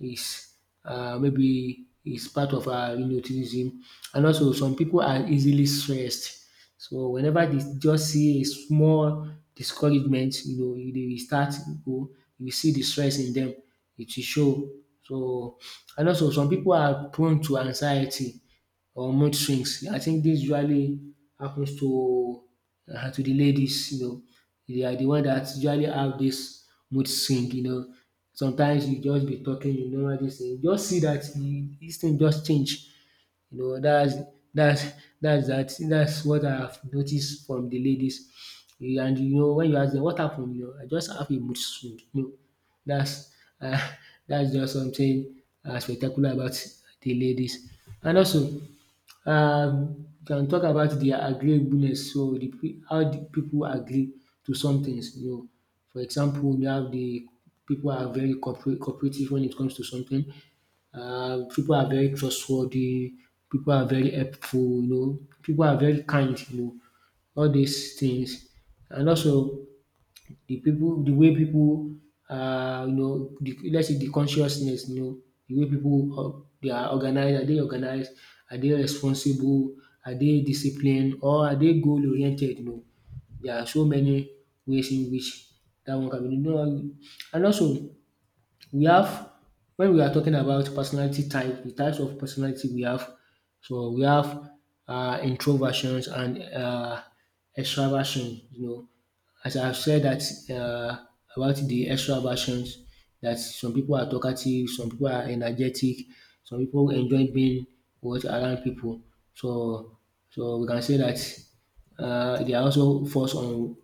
Speaker 1: is maybe is part of our, you know, autism. And also some people are easily stressed. So whenever they just see a small discouragement, you know, e dey start go, you will see de stress in them. It will show. So and also some people are prone to anxiety or mood swings. I think this usually happens to the ladies, you know. They are the one that usually have this mood swing, you know. Sometimes you just be talking, you know, this thing. You just see dat this thing just change, you know. That's that's that's that that's what I have noticed from the ladies. Eh, and you know when you ask them what happened, you know, I just have a mood swing, you know. That's um that's just something spectacular about the ladies. And also we can talk about their agreeableness, so the peo how the people agree to some things, you know. For example, you have the people are very cooperative when it comes to something. People are very trustworthy. People are very helpful. You know, people are very kind. You know, all these things, and also the people, the way people, you know, the, let's say the consciousness. You know, the way people they are organized. Are they organized? Are they responsible? Are they disciplined? Or are they goal oriented? You know, there are so many ways in which that one can be done. And also we have, when we are talking about personality type, the types of personality we have, so we have introversions and extraversion. You know, as I've said that uh, about the extraversions, that some people are talkative, some people are energetic, some people enjoy being what around people. So, so we can say that they are also forced on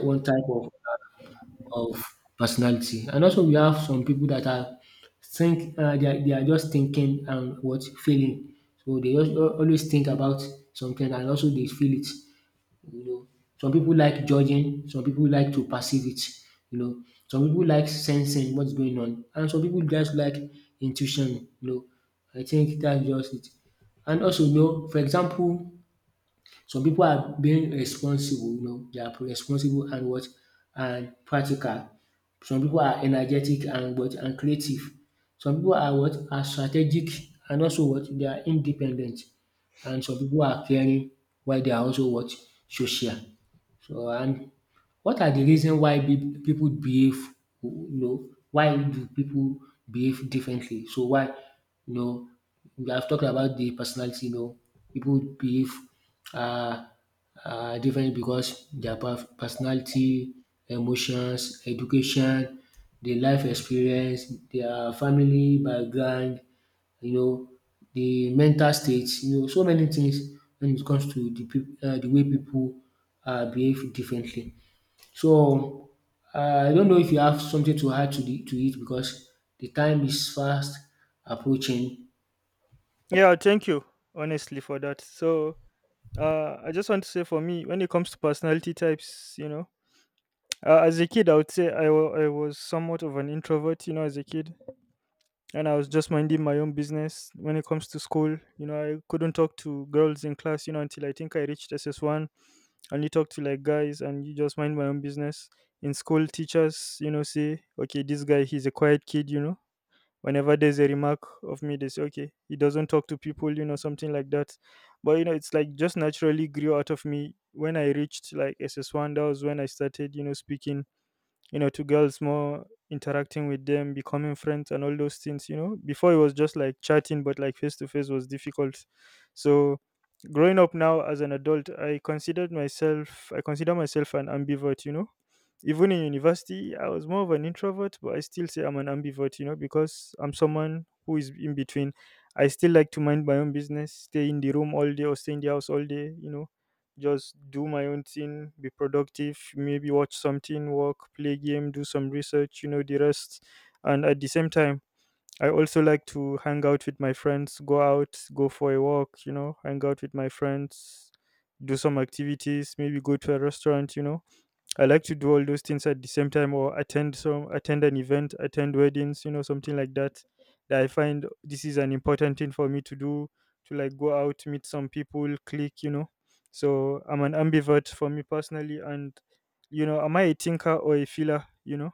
Speaker 1: one type of of personality. And also we have some people that are think they are just thinking and what feeling. So they just always think about something and also they feel it. You know, some people like judging, some people like to perceive it. You know, some people like sensing what's going on, and some people just like intuition. You know, I think that's just it. And also, you know, for example, some people are being responsible, you know, they are responsible and what and practical. Some people are energetic and what and creative. Some people are what are strategic and also what they are independent. And some people are caring while they are also what social. So, and what are the reason why people behave, you know, why do people behave differently? So why, you know, we have talked about the personality, you know, people behave uh, differently because their personality, emotions, education, their life experience, their family background, you know, the mental state, you know, so many things when it comes to the the way people behave differently. So, I don't know if you have something to add to the to it because the time is fast approaching.
Speaker 2: Yeah, thank you honestly for that. So I just want to say for me, when it comes to personality types, you know, as a kid, I would say I was somewhat of an introvert, you know, as a kid. And I was just minding my own business when it comes to school. You know, I couldn't talk to girls in class, you know, until I think I reached SS1. I only talked to like guys and you just mind my own business. In school, teachers, you know, say, okay, this guy, he's a quiet kid, you know. Whenever there's a remark of me, they say, okay, he doesn't talk to people, you know, something like that. But, it's like just naturally grew out of me when I reached like SS1. That was when I started, speaking to girls more, interacting with them, becoming friends, and all those things. Before it was just like chatting, but like face to face was difficult. So, growing up now as an adult, I consider myself an ambivert. Even in university, I was more of an introvert, but I still say I'm an ambivert, because I'm someone who is in between. I still like to mind my own business, stay in the room all day or stay in the house all day, just do my own thing, be productive, maybe watch something, work, play game, do some research, the rest. And at the same time, I also like to hang out with my friends, go out, go for a walk, hang out with my friends, do some activities, maybe go to a restaurant. I like to do all those things at the same time, or attend an event, attend weddings, something like that. That I find this is an important thing for me to do, to like go out, meet some people, click. So I'm an ambivert for me personally. And am I a thinker or a feeler?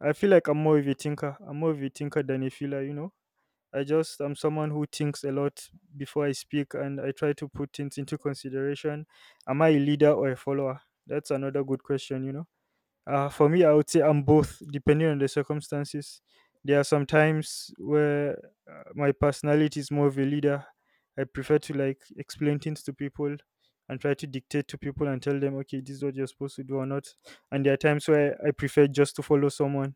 Speaker 2: I feel like I'm more of a thinker. I'm more of a thinker than a feeler. I'm someone who thinks a lot before I speak, and I try to put things into consideration. Am I a leader or a follower? That's another good question. For me, I would say I'm both, depending on the circumstances. There are some times where my personality is more of a leader. I prefer to like explain things to people and try to dictate to people and tell them, okay, this is what you're supposed to do or not. And there are times where I prefer just to follow someone.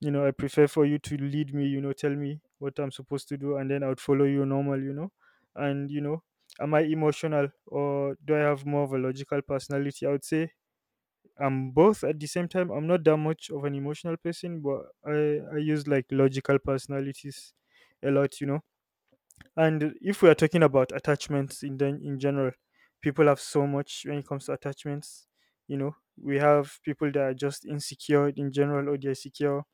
Speaker 2: I prefer for you to lead me, tell me what I'm supposed to do, and then I would follow you normal. And, you know, am I emotional or do I have more of a logical personality? I would say I'm both at the same time. I'm not that much of an emotional person, but I use like logical personalities a lot. And if we are talking about attachments in general, people have so much when it comes to attachments. We have people that are just insecure in general, or they're secure.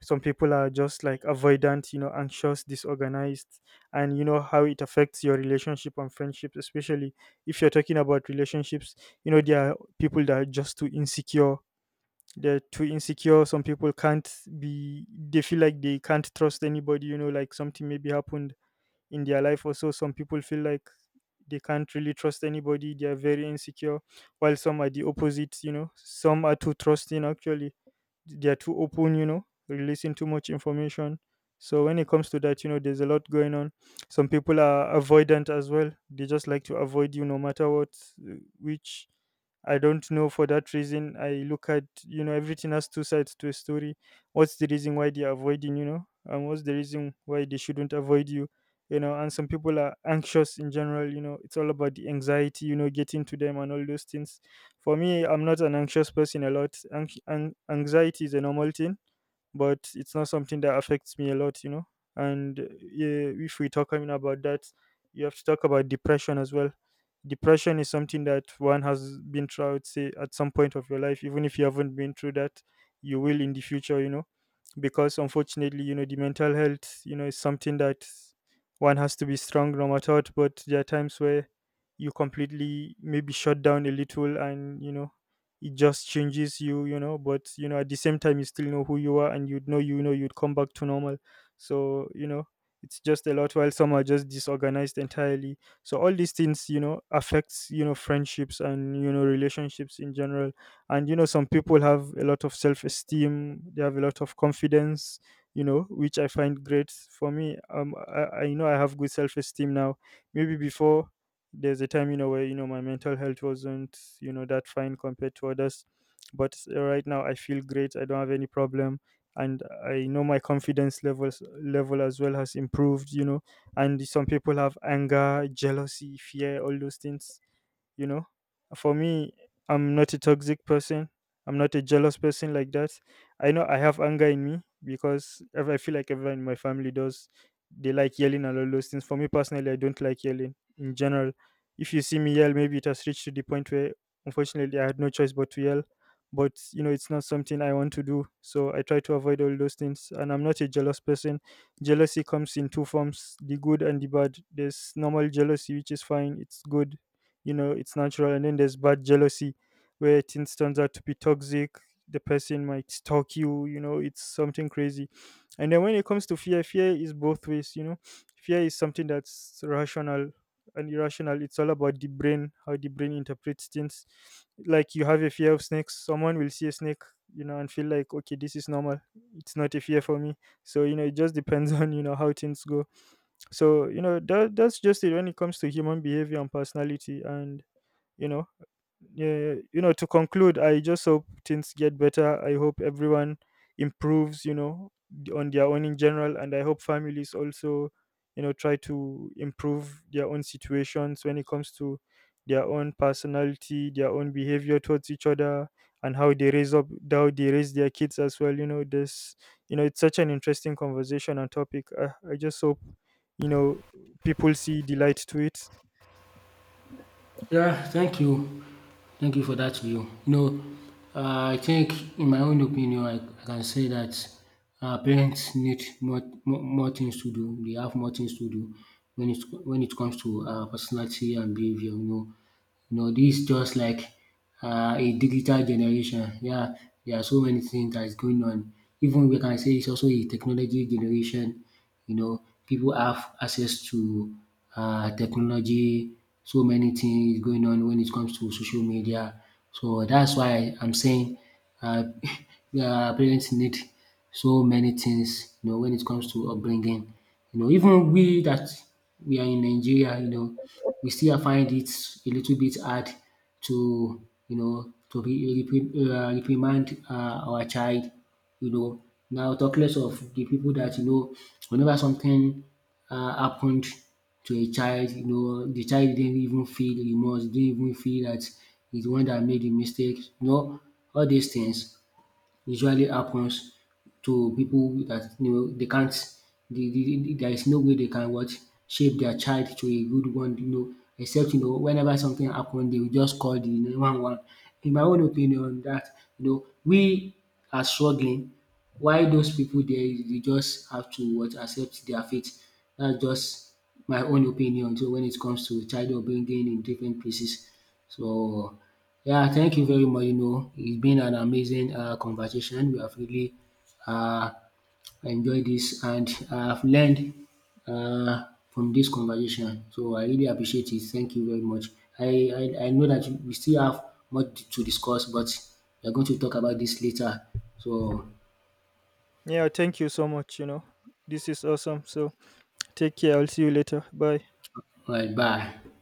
Speaker 2: Some people are just like avoidant, anxious, disorganized, and you know how it affects your relationship and friendships, especially if you're talking about relationships. There are people that are just too insecure, they're too insecure. Some people can't be, they feel like they can't trust anybody, like something maybe happened in their life. Also, some people feel like they can't really trust anybody, they are very insecure. While some are the opposite, some are too trusting, actually. They are too open, releasing too much information. So when it comes to that, there's a lot going on. Some people are avoidant as well, they just like to avoid you no matter what. Uh, which I don't know for that reason. I look at, everything has two sides to a story. What's the reason why they're avoiding, and what's the reason why they shouldn't avoid you? You know and some people are anxious in general, it's all about the anxiety, getting to them and all those things. For me, I'm not an anxious person a lot. Anxiety is a normal thing, but it's not something that affects me a lot. And yeah, if we talk, I mean, about that, you have to talk about depression as well. Depression is something that one has been through, I would say, at some point of your life. Even if you haven't been through that, you will in the future, because unfortunately, the mental health, is something that one has to be strong no matter what. But there are times where you completely maybe shut down a little and, it just changes you, you know but at the same time you still know who you are, and you'd know, you'd come back to normal. So it's just a lot, while some are just disorganized entirely. So all these things affects, friendships and, relationships in general. And some people have a lot of self-esteem, they have a lot of confidence, which I find great. For me, I you know I have good self-esteem now. Maybe before, there's a time where, my mental health wasn't, that fine compared to others. But right now I feel great, I don't have any problem. And I know my confidence level as well has improved. And some people have anger, jealousy, fear, all those things, you know for me, I'm not a toxic person. I'm not a jealous person like that. I know I have anger in me, because I feel like everyone in my family does. They like yelling and all those things. For me personally, I don't like yelling in general. If you see me yell, maybe it has reached to the point where unfortunately I had no choice but to yell. But it's not something I want to do, so I try to avoid all those things. And I'm not a jealous person. Jealousy comes in two forms, the good and the bad. There's normal jealousy which is fine, it's good, it's natural. And then there's bad jealousy where things turns out to be toxic. The person might stalk you, you know it's something crazy. And then when it comes to fear, fear is both ways. Fear is something that's rational and irrational, it's all about the brain, how the brain interprets things. Like you have a fear of snakes, someone will see a snake, and feel like, okay, this is normal. It's not a fear for me. So it just depends on, how things go. So that's just it when it comes to human behavior and personality and you know Yeah, yeah. To conclude, I just hope things get better. I hope everyone improves. On their own in general. And I hope families also, try to improve their own situations when it comes to their own personality, their own behavior towards each other, and how they raise up how they raise their kids as well. You know this, it's such an interesting conversation and topic. I just hope, you know people see the light to it.
Speaker 1: Yeah, thank you. Thank you for that view. You know, I think in my own opinion, I can say that parents need more things to do. They have more things to do when it when it comes to personality and behavior. You know, this is just like a digital generation. Yeah, there are so many things that is going on. Even we can say it's also a technology generation. You know, people have access to technology. So many things going on when it comes to social media. So that's why I'm saying uh, parents need so many things. You know, when it comes to upbringing. You know, even we that we are in Nigeria. You know, we still find it a little bit hard to, you know, to reprimand our child. You know, now talk less of the people that, you know, whenever something happened to a child, you know, the child didn't even feel remorse, didn't even feel that he's the one that made the mistake. You know, all these things usually happens to people that, you know, they can't, there is no way they can what shape their child to a good one, you know, except, you know, whenever something happen they will just call the 911. In my own opinion that, you know, we are struggling while those people there they just have to what accept their fate. That's just my own opinion so when it comes to child upbringing in different places. So, yeah, thank you very much. You know, it's been an amazing conversation. We have really uh, enjoyed this and I've learned from this conversation. So, I really appreciate it. Thank you very much. I, I know that we still have much to discuss, but we're going to talk about this later. So,
Speaker 2: Yeah, thank you so much. This is awesome. So take care. I'll see you later. Bye.
Speaker 1: all right, bye.